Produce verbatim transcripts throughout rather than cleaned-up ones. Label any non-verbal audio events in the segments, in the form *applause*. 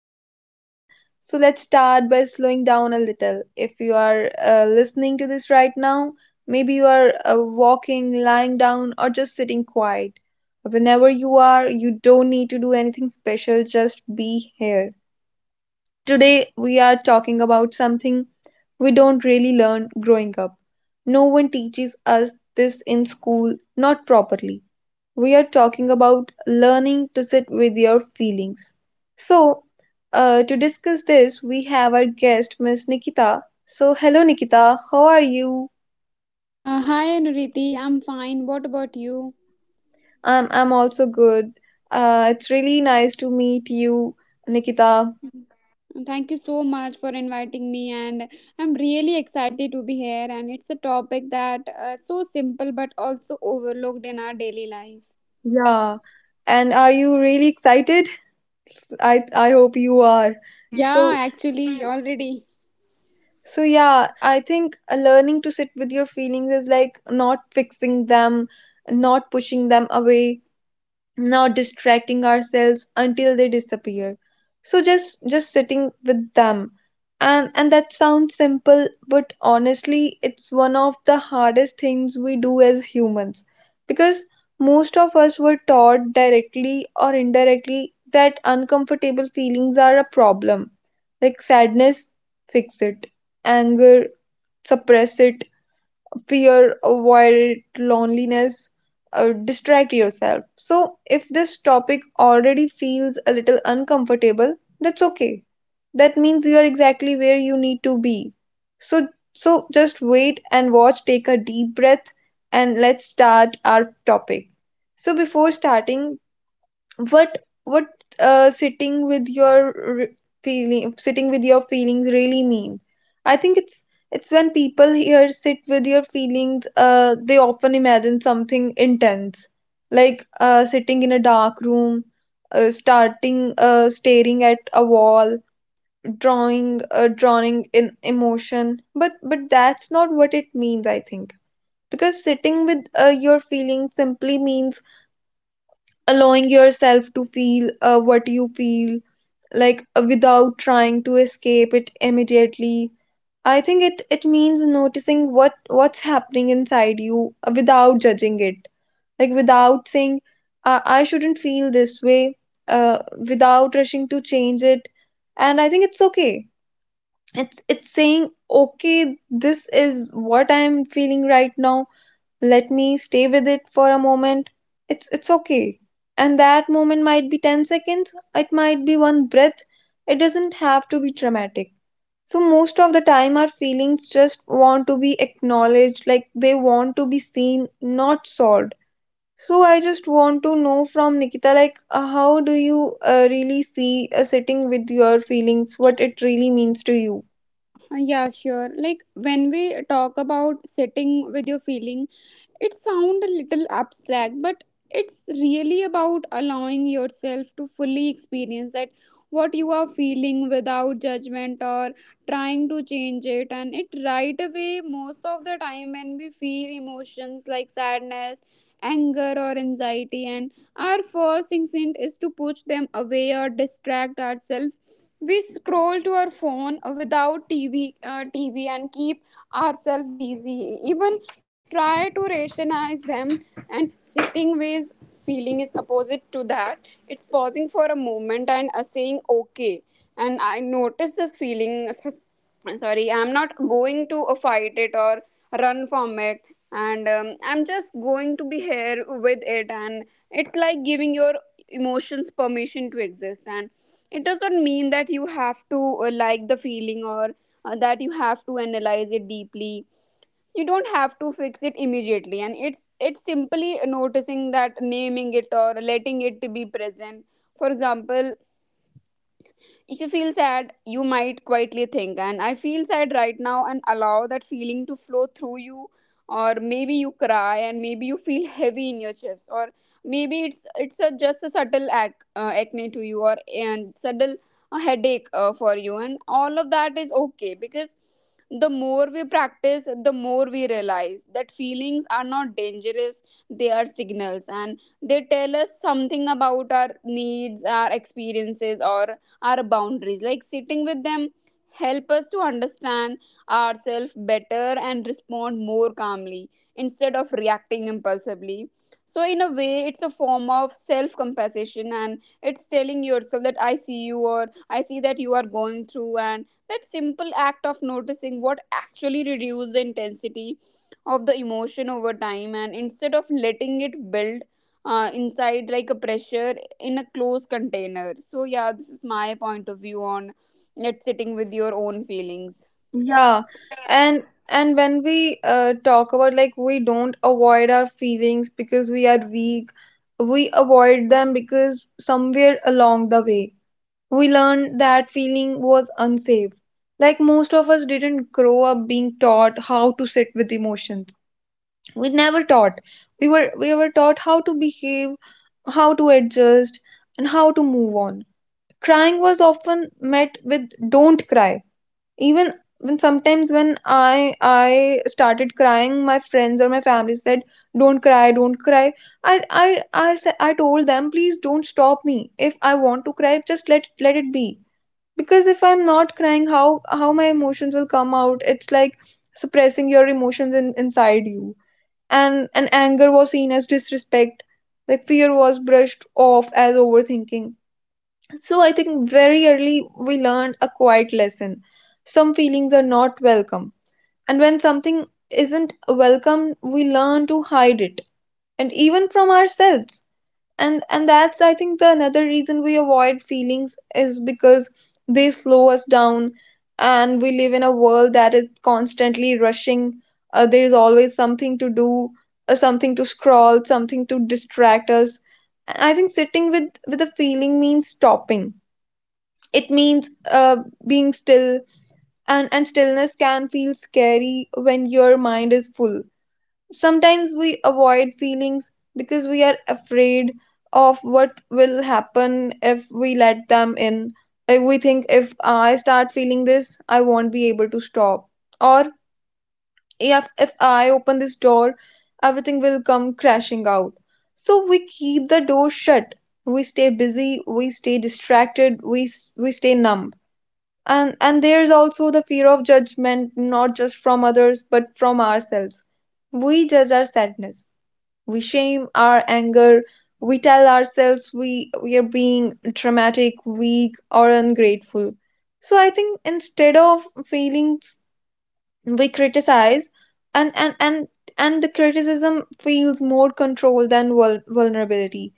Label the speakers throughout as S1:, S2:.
S1: doing well. So, let's start by slowing down a little. If you are uh, listening to this right now, maybe you are uh, walking, lying down, or just sitting quiet. Whenever you are, you don't need to do anything special, just be here. Today, we are talking about something we don't really learn growing up. No one teaches us this in school, not properly. We are talking about learning to sit with your feelings. So, uh, to discuss this, we have our guest, Miss Nikita. So, hello, Nikita. How are you?
S2: Uh, hi Anuriti, I'm fine. What about you?
S1: I'm, I'm also good. Uh, it's really nice to meet you, Nikita.
S2: And Thank you so much for inviting me, and I'm really excited to be here. And it's a topic that uh, so simple but also overlooked in our daily life.
S1: Yeah. And are you really excited? I I hope you are.
S2: Yeah,
S1: So
S2: actually, already.
S1: so yeah, I think uh, learning to sit with your feelings is like not fixing them, not pushing them away, not distracting ourselves until they disappear, so just just sitting with them. And and that sounds simple, but honestly it's one of the hardest things we do as humans, because most of us were taught directly or indirectly that uncomfortable feelings are a problem. Like sadness, fix it. Anger, suppress it. Fear, avoid. Loneliness, uh, distract yourself. So, if this topic already feels a little uncomfortable, that's okay. That means you are exactly where you need to be. So, so just wait and watch, take a deep breath, and let's start our topic. So, before starting, what what uh, sitting with your re- feeling, sitting with your feelings really mean? I think it's it's when people here sit with your feelings, uh, they often imagine something intense, like uh, sitting in a dark room, uh, starting uh, staring at a wall, drawing uh, drawing in emotion. But but that's not what it means, I think. Because sitting with uh, your feelings simply means allowing yourself to feel uh, what you feel, like uh, without trying to escape it immediately. I think it it means noticing what what's happening inside you uh, without judging it, like without saying, i, "I shouldn't feel this way," uh, without rushing to change it. And I think it's okay. It's it's saying, "Okay, this is what I'm feeling right now. Let me stay with it for a moment. It's it's okay." And that moment might be ten seconds, it might be one breath. It doesn't have to be dramatic. So most of the time our feelings just want to be acknowledged. Like they want to be seen, not solved. So I just want to know from Nikita, like, uh, how do you uh, really see uh, sitting with your feelings? What it really means to you?
S2: Uh, yeah, sure. Like when we talk about sitting with your feelings, it sounds a little abstract, but it's really about allowing yourself to fully experience that what you are feeling without judgment or trying to change it and it right away. Most of the time when we feel emotions like sadness, anger or anxiety, and our first instinct is to push them away or distract ourselves. We scroll to our phone, without tv uh, tv and keep ourselves busy, even try to rationalize them. And sitting with feeling is opposite to that. It's pausing for a moment and uh, saying, okay, and I notice this feeling. *laughs* Sorry, I'm not going to uh, fight it or run from it, and um, I'm just going to be here with it. And it's like giving your emotions permission to exist. And it does not mean that you have to uh, like the feeling, or uh, that you have to analyze it deeply. You don't have to fix it immediately. And it's it's simply noticing that, naming it, or letting it be present. For example, if you feel sad, you might quietly think, and I feel sad right now, and allow that feeling to flow through you. Or maybe you cry, and maybe you feel *laughs* heavy in your chest, or maybe it's it's a, just a subtle ac- uh, acne to you, or and subtle uh, headache uh, for you, and all of that is okay, because the more we practice, the more we realize that feelings are not dangerous; they are signals, and they tell us something about our needs, our experiences, or our boundaries. Like, sitting with them help us to understand ourselves better and respond more calmly instead of reacting impulsively. So in a way it's a form of self compassion, and it's telling yourself that I see you, or I see that you are going through, and that simple act of noticing what actually reduces the intensity of the emotion over time, and instead of letting it build uh, inside like a pressure in a closed container. So, yeah, this is my point of view on it, sitting with your own feelings.
S1: Yeah, and and when we uh, talk about, like, we don't avoid our feelings because we are weak, we avoid them because somewhere along the way we learned that feeling was unsafe. Like most of us didn't grow up being taught how to sit with emotions. We never taught. We were we were taught how to behave, how to adjust, and how to move on. Crying was often met with "don't cry," even when sometimes when i i started crying, my friends or my family said, "Don't cry, don't cry." I i i sa- I told them, please don't stop me. If I want to cry, just let let it be. Because if I'm not crying, how how my emotions will come out? It's like suppressing your emotions in, inside you. And and anger was seen as disrespect, like fear was brushed off as overthinking. So I think very early we learned a quiet lesson. Some feelings are not welcome. And when something isn't welcome, we learn to hide it, and even from ourselves. And and that's, I think, the another reason we avoid feelings is because they slow us down, and we live in a world that is constantly rushing. Uh, there is always something to do, uh, something to scroll, something to distract us. I think sitting with with a feeling means stopping. It means uh, being still. And, and stillness can feel scary when your mind is full. Sometimes we avoid feelings because we are afraid of what will happen if we let them in. Like we think, if I start feeling this, I won't be able to stop. Or if, if I open this door, everything will come crashing out. So we keep the door shut. We stay busy, we stay distracted, we s- we stay numb. And and there's also the fear of judgment, not just from others but from ourselves. We judge our sadness, we shame our anger, we tell ourselves we we are being dramatic, weak, or ungrateful. So I think instead of feelings, we criticize. And and and and the criticism feels more control than vul- vulnerability.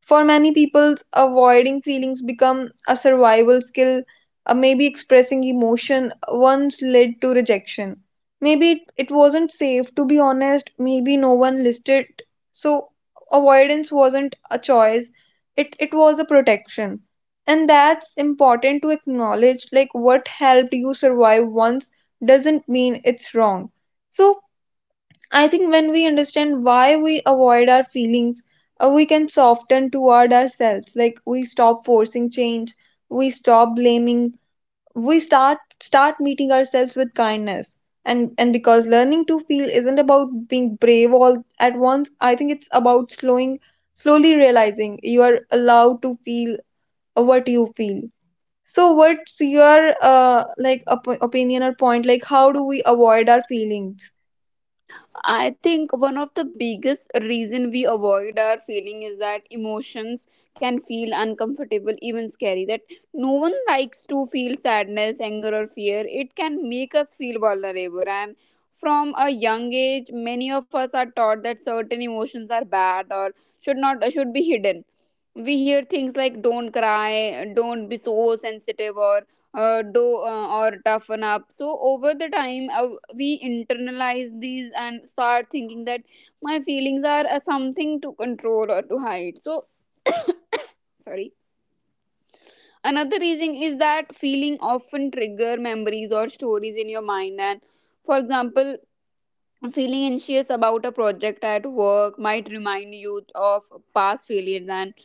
S1: For many people, avoiding feelings become a survival skill. Uh, maybe expressing emotion once led to rejection. Maybe it, it wasn't safe to be honest. Maybe no one listed. So avoidance wasn't a choice. It it was a protection. And that's important to acknowledge. Like what helped you survive once doesn't mean it's wrong. So I think when we understand why we avoid our feelings, uh, we can soften toward ourselves. Like we stop forcing change, we stop blaming, we start start meeting ourselves with kindness. And and because learning to feel isn't about being brave all at once, I think it's about slowing, slowly realizing you are allowed to feel uh, what you feel. So what's your uh like op- opinion or point? Like how do we avoid our feelings?
S2: I think one of the biggest reason we avoid our feeling is that emotions can feel uncomfortable, even scary. That no one likes to feel sadness, anger, or fear. It can make us feel vulnerable. And from a young age, many of us are taught that certain emotions are bad or should not should be hidden. We hear things like, don't cry, don't be so sensitive, or uh, do uh, or toughen up. So over the time, uh, we internalize these and start thinking that my feelings are uh, something to control or to hide. So, sorry, another reason is that feeling often trigger memories or stories in your mind. And, for example, feeling anxious about a project at work might remind you of past failures, and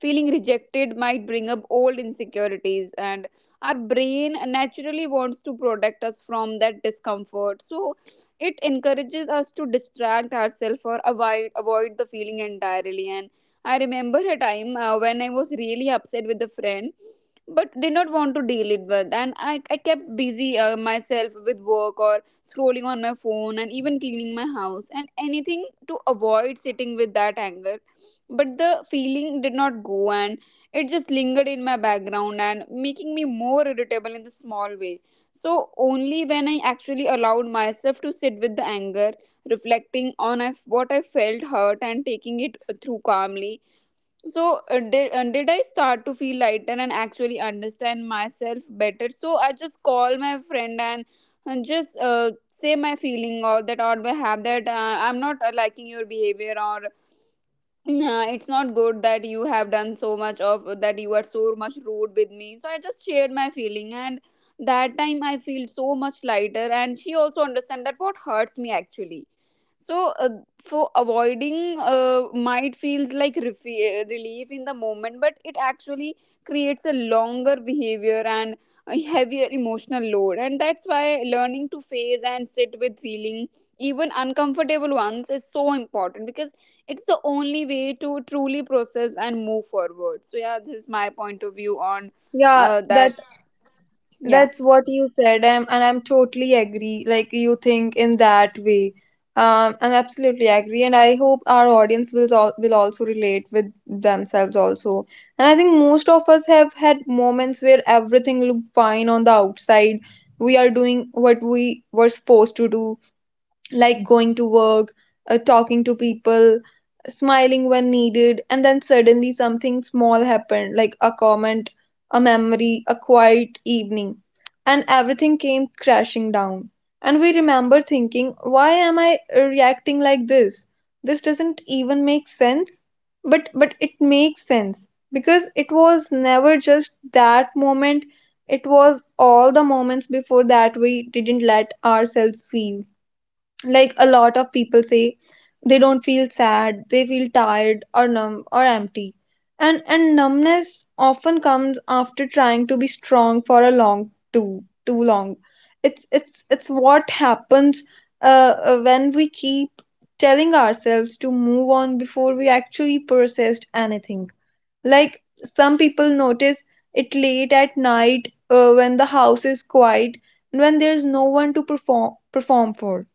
S2: feeling rejected might bring up old insecurities. And our brain naturally wants to protect us from that discomfort, so it encourages us to distract ourselves or avoid avoid the feeling entirely. And I remember a time uh, when I was really upset with a friend but did not want to deal it with, and i, I kept busy uh, myself with work or scrolling on my phone, and even cleaning my house, and anything to avoid sitting with that anger. But the feeling did not go, and it just lingered in my background and making me more irritable in the small way. So, only when I actually allowed myself to sit with the anger, reflecting on I- what I felt hurt and taking it through calmly, so uh, did, uh, did I start to feel lighter and actually understand myself better. So I just call my friend and, and just uh, say my feeling or that, or I have that uh, I'm not uh, liking your behavior, or yeah, it's not good that you have done so much of that, you are so much rude with me. So I just shared my feeling, and that time I feel so much lighter, and she also understand that what hurts me actually. So uh, for avoiding uh, might feels like refi- relief in the moment, but it actually creates a longer behavior and a heavier emotional load. And that's why learning to face and sit with feeling, even uncomfortable ones, is so important, because it's the only way to truly process and move forward. So yeah, this is my point of view on
S1: Yeah,
S2: uh, that.
S1: that.
S2: Yeah.
S1: That's what you said, I'm, and I'm totally agree. Like, you think in that way, um, I'm absolutely agree, and I hope our audience will al- will also relate with themselves also. And I think most of us have had moments where everything looked fine on the outside. We are doing what we were supposed to do, like going to work, uh, talking to people, smiling when needed, and then suddenly something small happened, like a comment, a memory, a quiet evening, and everything came crashing down. And we remember thinking, why am I reacting like this? This doesn't even make sense. But but it makes sense, because it was never just that moment, it was all the moments before that we didn't let ourselves feel. Like a lot of people say they don't feel sad, they feel tired or numb or empty. And and numbness often comes after trying to be strong for a long, too too long. It's it's it's what happens uh, uh, when we keep telling ourselves to move on before we actually processed anything. Like some people notice it late at night, uh, when the house is quiet and when there's no one to perform perform for.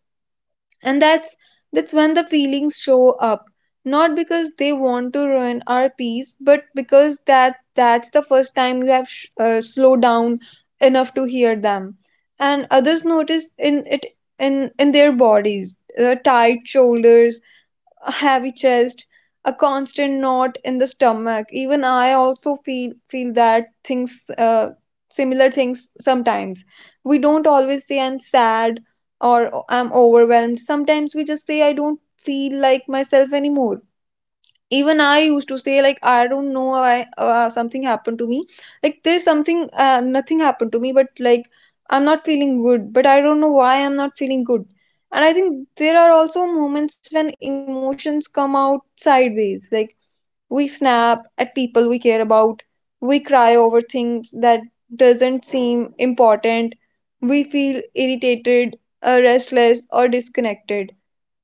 S1: And that's that's when the feelings show up, not because they want to ruin our peace, but because that that's the first time you have sh- uh, slowed down enough to hear them. And others notice in it in in their bodies, uh, tight shoulders, a heavy chest, a constant knot in the stomach. Even I also feel feel that things, uh, similar things sometimes. We don't always say "I'm sad" or "I'm overwhelmed." Sometimes we just say, "I don't feel like myself anymore." Even I used to say, like, I don't know why, uh, something happened to me. Like there's something, uh, nothing happened to me, but like, I'm not feeling good, but I don't know why I'm not feeling good. And I think there are also moments when emotions come out sideways, like we snap at people we care about, we cry over things that doesn't seem important, we feel irritated, uh, restless or disconnected,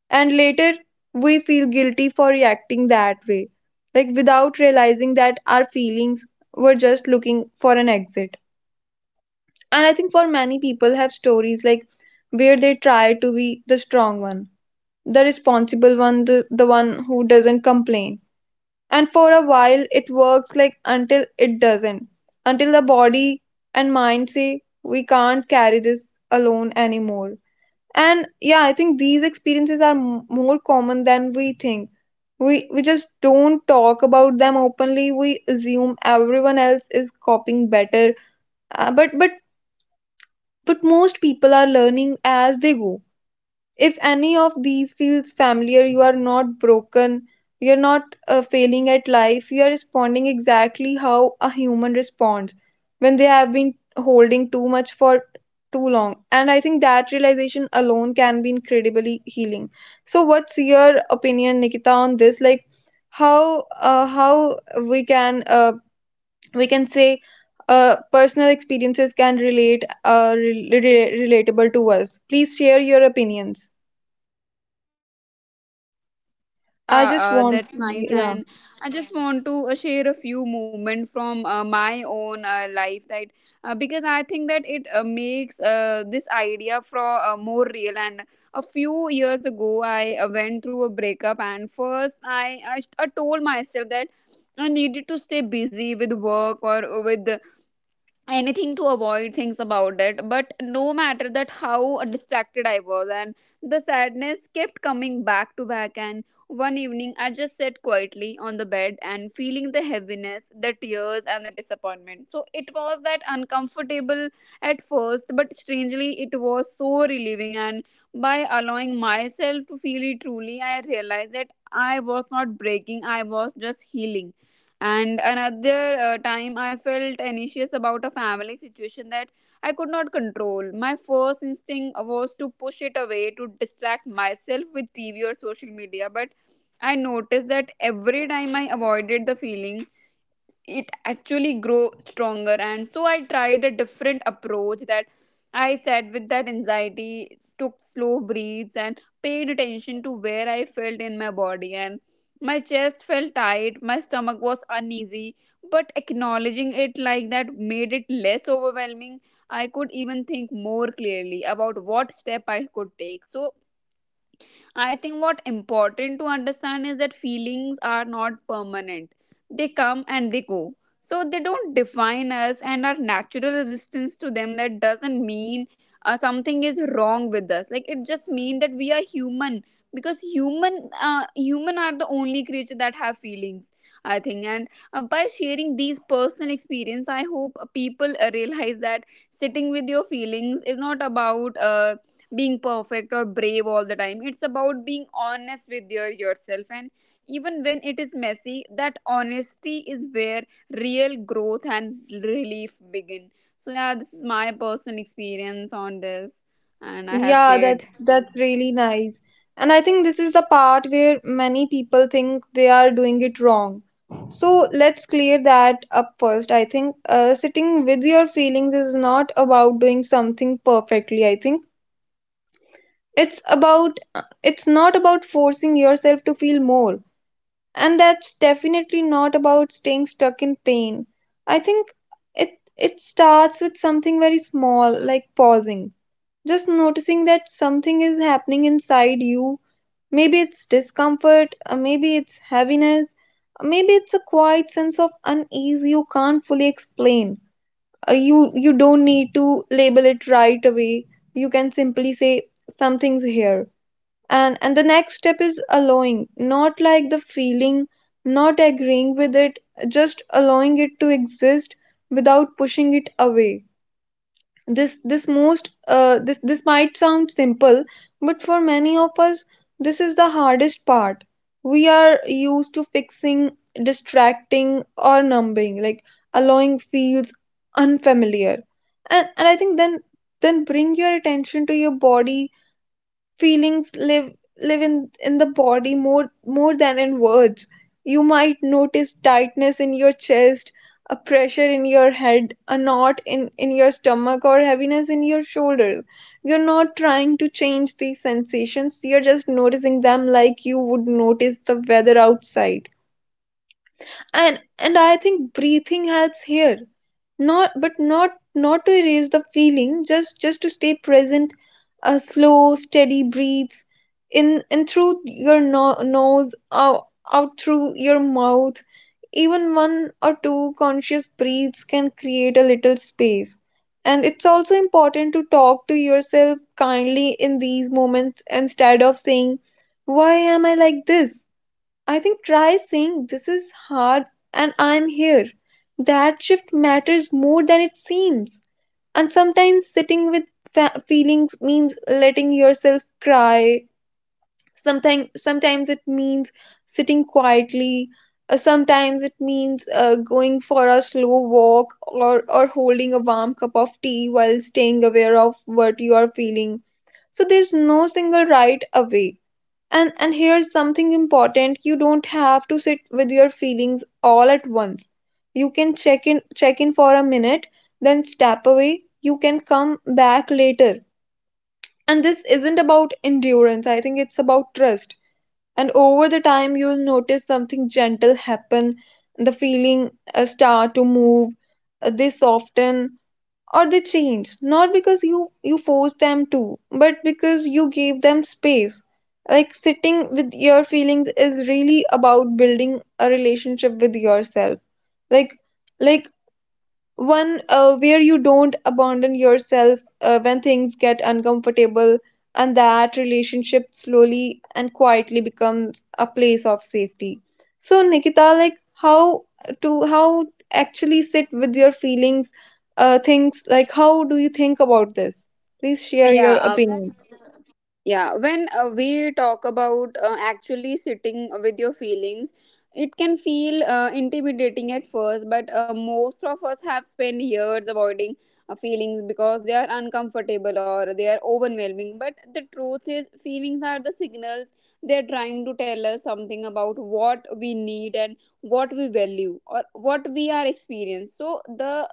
S1: and later we feel guilty for reacting that way, like without realizing that our feelings were just looking for an exit. And I think for many people have stories, like where they try to be the strong one, the responsible one, the, the one who doesn't complain. And for a while it works, like until it doesn't, until the body and mind say we can't carry this alone anymore. And yeah, I think these experiences are m- more common than we think. We we just don't talk about them openly. We assume everyone else is copying better, uh, but but but most people are learning as they go. If any of these feels familiar, you are not broken, you're not uh, failing at life, you are responding exactly how a human responds when they have been holding too much for too long. And I think that realization alone can be incredibly healing. So, what's your opinion, Nikita, on this? Like, how uh, how we can uh, we can say uh, personal experiences can relate, uh, re- re- relatable to us. Please share your opinions. I
S2: Yeah
S1: just
S2: uh,
S1: want
S2: that's
S1: to
S2: nice
S1: be, yeah.
S2: and I just want to uh, share a few moments from uh, my own uh, life that uh, because I think that it uh, makes uh, this idea for uh, more real and a few years ago I uh, went through a breakup and first I I, I told myself that I needed to stay busy with work or with anything to avoid things about it but no matter that how distracted I was and the sadness kept coming back to back and one evening I just sat quietly on the bed and feeling the heaviness the tears and the disappointment so it was that uncomfortable at first but strangely it was so relieving and by allowing myself to feel it truly I realized that I was not breaking I was just healing and another uh, time, I felt anxious about a family situation that I could not control. My first instinct was to push it away to distract myself with T V or social media, but I noticed that every time I avoided the feeling, it actually grow stronger and so I tried a different approach that I sat with that anxiety took slow breaths and paid attention to where I felt in my body and my chest felt tight my stomach was uneasy but acknowledging it like that made it less overwhelming I could even think more clearly about what step I could take so I think what important to understand is that feelings are not permanent. They come and they go. So they don't define us and our natural resistance to them that doesn't mean uh, something is wrong with us. Like it just means that we are human because human uh, human are the only creature that have feelings I think and uh, by sharing these personal experience I hope uh, people uh, realize that sitting with your feelings is not about uh, being perfect or brave all the time. It's about being honest with your yourself and even when it is messy, that honesty is where real growth and relief begin. So yeah, this is my personal experience on this and I have
S1: Yeah,
S2: shared
S1: that's that's really nice. And I think this is the part where many people think they are doing it wrong. So let's clear that up first. I think uh, sitting with your feelings is not about doing something perfectly. I think it's about uh, it's not about forcing yourself to feel more. And that's definitely not about staying stuck in pain. I think it it starts with something very small, like pausing, just noticing that something is happening inside you. Maybe it's discomfort, uh, maybe it's heaviness, uh, maybe it's a quiet sense of unease you can't fully explain. Uh, you you don't need to label it right away. You can simply say, something's here. And and the next step is allowing, not like the feeling, not agreeing with it, just allowing it to exist without pushing it away. This this most uh, this this might sound simple, but for many of us this is the hardest part. We are used to fixing, distracting or numbing. Like allowing feels unfamiliar. And and I think then then bring your attention to your body. Feelings live, live in in the body more more than in words. You might notice tightness in your chest, a pressure in your head, a knot in in your stomach, or heaviness in your shoulders. You're not trying to change these sensations, you're just noticing them like you would notice the weather outside. And and I think breathing helps here, not but not not to erase the feeling, just just to stay present. A slow, steady breathes in, in through your no- nose, out, out through your mouth. Even one or two conscious breaths can create a little space. And it's also important to talk to yourself kindly in these moments. Instead of saying, why am I like this? I think try saying, this is hard and I'm here. That shift matters more than it seems. And sometimes sitting with fa- feelings means letting yourself cry. Sometimes sometimes it means sitting quietly. Uh, Sometimes it means uh, going for a slow walk, or, or holding a warm cup of tea while staying aware of what you are feeling. So there's no single right away. And and here's something important: you don't have to sit with your feelings all at once. You can check in check in for a minute, then step away. You can come back later. And this isn't about endurance. I think it's about trust. And over the time you'll notice something gentle happen. The feeling uh, start to move, uh, they soften or they change, not because you you force them to, but because you gave them space. Like sitting with your feelings is really about building a relationship with yourself. Like like one uh, where you don't abandon yourself uh, when things get uncomfortable. And that relationship slowly and quietly becomes a place of safety. So Nikita, like how to how actually sit with your feelings, uh, things like, how do you think about this? Please share
S2: yeah
S1: your
S2: uh,
S1: opinion.
S2: yeah, when uh, we talk about uh, actually sitting with your feelings, it can feel uh, intimidating at first, but uh, most of us have spent years avoiding uh, feelings because they are uncomfortable or they are overwhelming. But the truth is, feelings are the signals. They are trying to tell us something about what we need and what we value or what we are experiencing. So the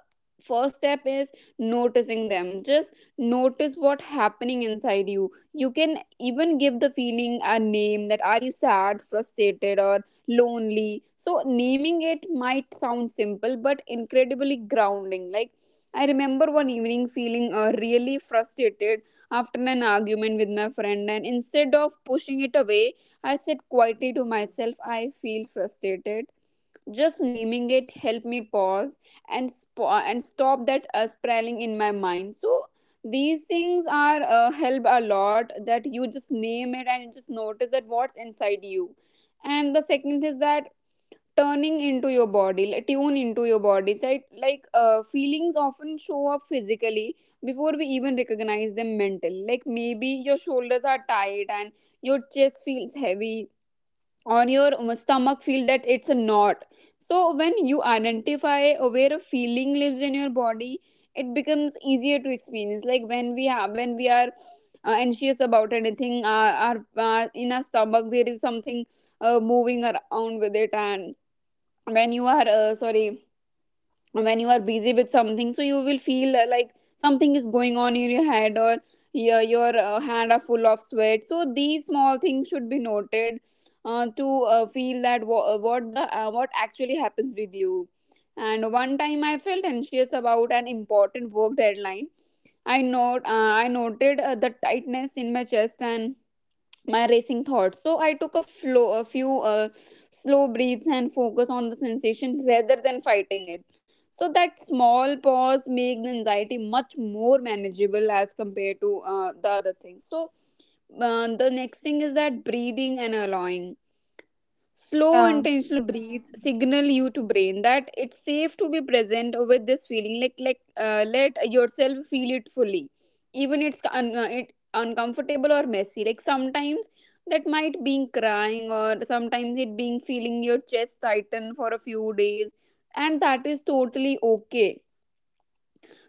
S2: first step is noticing them. Just notice what happening inside you. You can even give the feeling a name, that are you sad, frustrated or lonely. So naming it might sound simple but incredibly grounding. Like, I remember one evening feeling uh, really frustrated after an argument with my friend, and instead of pushing it away, I said quietly to myself, I feel frustrated. Just naming it helped me pause and sp- and stop that uh, sprawling in my mind. So these things are uh, help a lot, that you just name it and just notice that what's inside you. And the second is that turning into your body, like, tune into your body. So it- like uh, feelings often show up physically before we even recognize them mentally. Like maybe your shoulders are tight and your chest feels heavy or your stomach feel that it's a knot. So when you identify where a feeling lives in your body, it becomes easier to experience. Like when we have when we are uh, anxious about anything, uh, our uh, in our stomach there is something uh, moving around with it. And when you are uh, sorry when you are busy with something, so you will feel uh, like something is going on in your head, or your, your uh, hand are full of sweat. So these small things should be noted uh, to uh, feel that wha- uh, what the uh, what actually happens with you. And one time I felt anxious about an important work deadline. i note uh, I noted uh, the tightness in my chest and my racing thoughts. So I took a flow, a few uh, slow breaths and focus on the sensation rather than fighting it. So that small pause make the anxiety much more manageable as compared to uh, the other things. So uh, the next thing is that breathing and allowing slow
S1: Yeah
S2: intentional breaths signal you to brain that it's safe to be present with this feeling. Like like uh, let yourself feel it fully, even it's un- uh, it uncomfortable or messy. Like sometimes that might being crying, or sometimes it being feeling your chest tighten for a few days, and that is totally okay.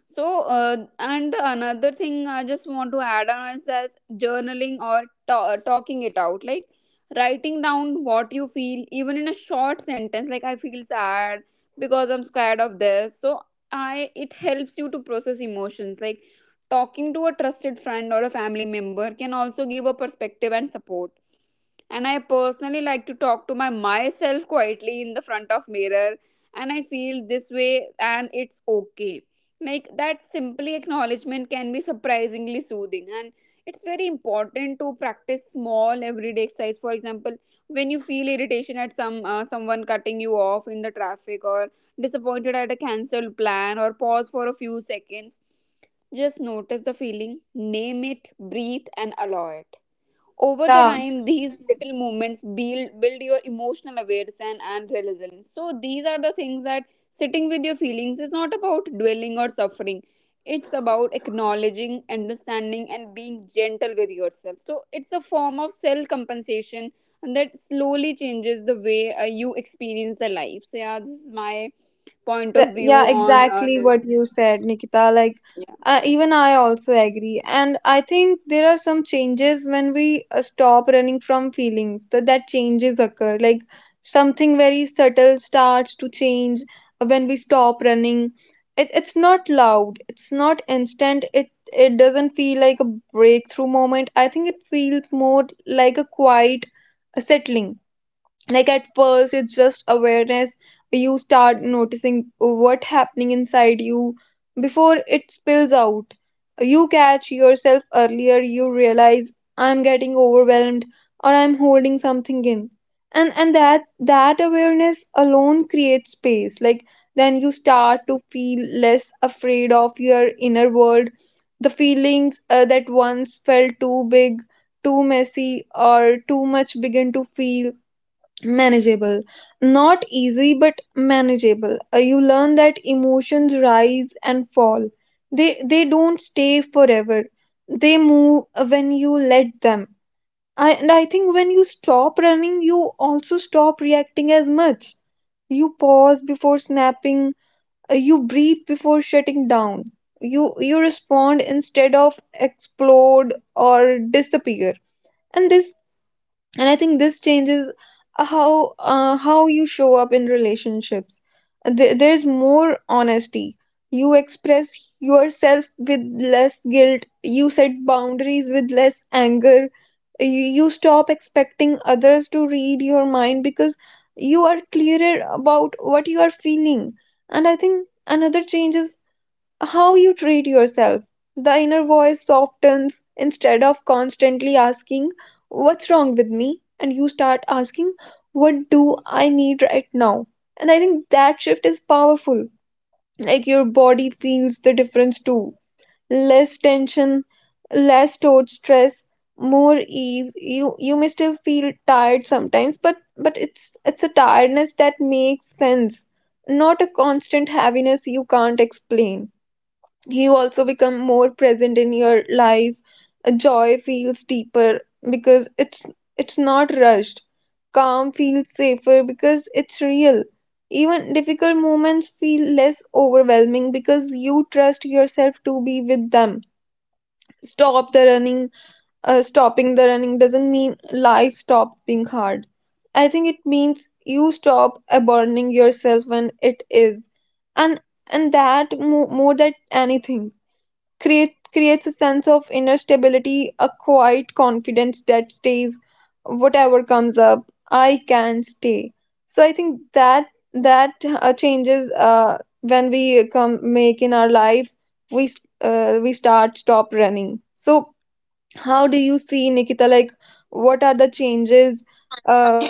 S2: So, uh, and the another thing I just want to add on is as journaling or ta- uh, talking it out, like writing down what you feel, even in a short sentence, like I feel sad because I'm scared of this. So, I it helps you to process emotions. Like talking to a trusted friend or a family member can also give a perspective and support. And I personally like to talk to my myself quietly in the front of mirror, and I feel this way, and it's okay. Like that simply acknowledgement can be surprisingly soothing. And it's very important to practice small everyday exercise. For example, when you feel irritation at some uh, someone cutting you off in the traffic, or disappointed at a cancelled plan, or pause for a few seconds, just notice the feeling, name it, breathe, and allow it. Over the
S1: yeah
S2: time, these little movements build build your emotional awareness and, and resilience. So these are the things that sitting with your feelings is not about dwelling or suffering. It's about acknowledging, understanding, and being gentle with yourself. So it's a form of self compensation, and that slowly changes the way uh, you experience the life. So yeah, this is my point of
S1: The,
S2: view
S1: yeah,
S2: on uh,
S1: exactly what
S2: this.
S1: you said, Nikita. Like,
S2: Yeah.
S1: uh, even I also agree. And I think there are some changes when we uh, stop running from feelings, that, that changes occur. Like, something very subtle starts to change when we stop running. It, it's not loud, it's not instant, it, it doesn't feel like a breakthrough moment. I think it feels more like a quiet uh, settling. Like at first it's just awareness. You start noticing what happening inside you before it spills out. You catch yourself earlier. You realize, I'm getting overwhelmed, or I'm holding something in. And and that that awareness alone creates space. Like then you start to feel less afraid of your inner world. The feelings uh, that once felt too big, too messy, or too much begin to feel manageable, not easy but manageable. Uh, you learn that emotions rise and fall. They they don't stay forever. They move uh, when you let them. I, and i think when you stop running, you also stop reacting as much. You pause before snapping, uh, you breathe before shutting down. You you respond instead of explode or disappear. And this and i think this changes how uh, how you show up in relationships. There- there's more honesty. You express yourself with less guilt. You set boundaries with less anger. you, you stop expecting others to read your mind because you are clearer about what you are feeling. And I think another change is how you treat yourself. The inner voice softens. Instead of constantly asking, what's wrong with me? And you start asking, what do I need right now? And I think that shift is powerful. Like your body feels the difference too. Less tension, less stored stress, more ease. You you may still feel tired sometimes, but but it's it's a tiredness that makes sense, not a constant heaviness you can't explain. You also become more present in your life. A joy feels deeper because it's it's not rushed. Calm feels safer because it's real. Even difficult moments feel less overwhelming because you trust yourself to be with them. Stop the running. Uh, stopping the running doesn't mean life stops being hard. I think it means you stop abandoning yourself when it is. And and that mo- more than anything, create creates a sense of inner stability, a quiet confidence that stays. Whatever comes up, I can stay. So I think that that uh, changes uh, when we come make in our life, we s- uh, we start stop running. So how do you see, Nikita, like, what are the changes uh,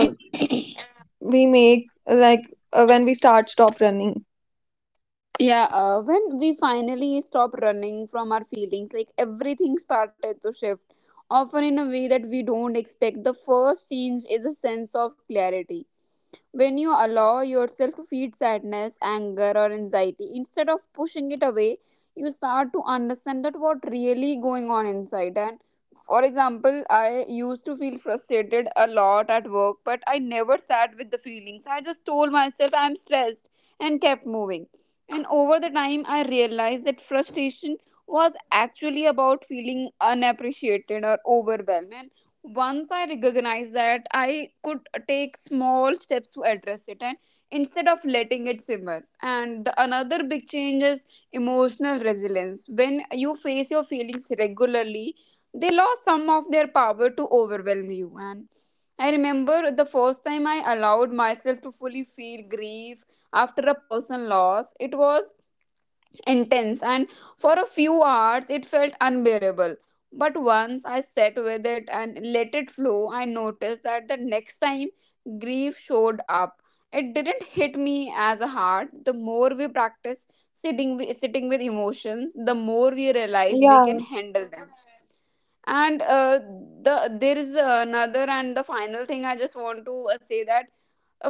S1: we make, like, uh, when we start stop running?
S2: Yeah, uh, when we finally stop running from our feelings, like everything started to shift, often in a way that we don't expect. The first change is a sense of clarity. When you allow yourself to feed sadness, anger, or anxiety, instead of pushing it away, you start to understand that what really going on inside. And for example, I used to feel frustrated a lot at work, but I never sat with the feelings. I just told myself I'm stressed and kept moving. And over the time, I realized that frustration was actually about feeling unappreciated or overwhelmed. And once I recognized that, I could take small steps to address it, and instead of letting it simmer. And the another big change is emotional resilience. When you face your feelings regularly, they lost some of their power to overwhelm you. And I remember the first time I allowed myself to fully feel grief after a personal loss. It was intense, and for a few hours it felt unbearable. But once I sat with it and let it flow, I noticed that the next time grief showed up, it didn't hit me as hard. The more we practice sitting wi- sitting with emotions, the more we realize we can
S1: Yeah,
S2: handle them. And uh, the there is another and the final thing I just want to uh, say that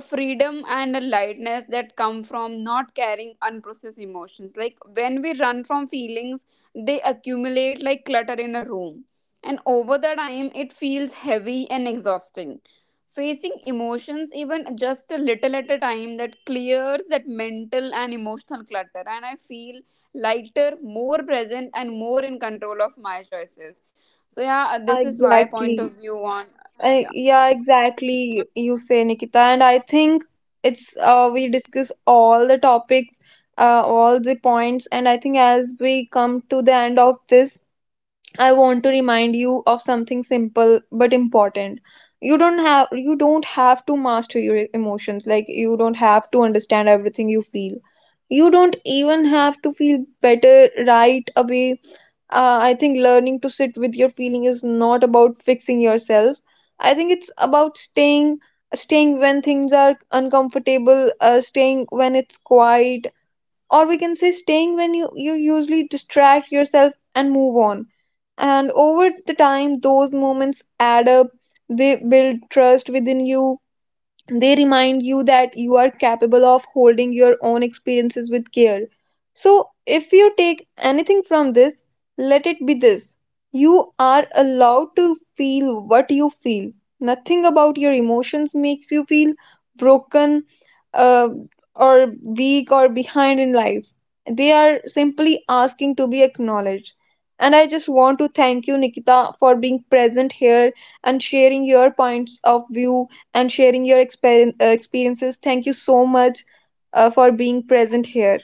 S2: a freedom and a lightness that come from not carrying unprocessed emotions. Like when we run from feelings, they accumulate like clutter in a room. And over the time, it feels heavy and exhausting. Facing emotions, even just a little at a time, that clears that mental and emotional clutter. And I feel lighter, more present, and more in control of my choices. So, yeah,
S1: yeah,
S2: this is my point of
S1: exactly.
S2: view on.
S1: Uh,
S2: Yeah.
S1: yeah, exactly, you say, Nikita. And I think it's uh, we discuss all the topics, uh, all the points. And I think as we come to the end of this, I want to remind you of something simple but important. You don't have you don't have to master your emotions. Like you don't have to understand everything you feel. You don't even have to feel better right away. uh, I think learning to sit with your feeling is not about fixing yourself. I think it's about staying, staying when things are uncomfortable, uh, staying when it's quiet, or we can say staying when you, you usually distract yourself and move on. And over the time, those moments add up. They build trust within you. They remind you that you are capable of holding your own experiences with care. So, if you take anything from this, let it be this: you are allowed to feel what you feel. Nothing about your emotions makes you feel broken uh, or weak or behind in life. They are simply asking to be acknowledged. And I just want to thank you, Nikita, for being present here and sharing your points of view and sharing your exper- uh, experiences. Thank you so much uh, for being present here.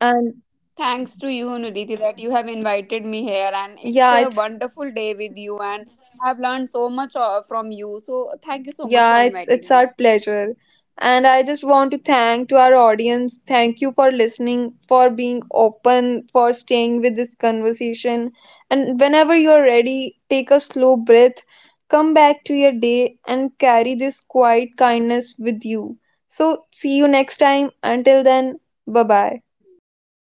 S1: And
S2: Thanks to you, Nidhi, that you have invited me here, and it's a
S1: yeah,
S2: wonderful
S1: it's
S2: day with you. And I've learned so much uh, from you. So thank you so much for
S1: yeah, it's
S2: inviting me.
S1: it's our pleasure. And I just want to thank to our audience. Thank you for listening, for being open, for staying with this conversation. And whenever you're ready, take a slow breath, come back to your day, and carry this quiet kindness with you. So, see you next time. Until then, bye bye.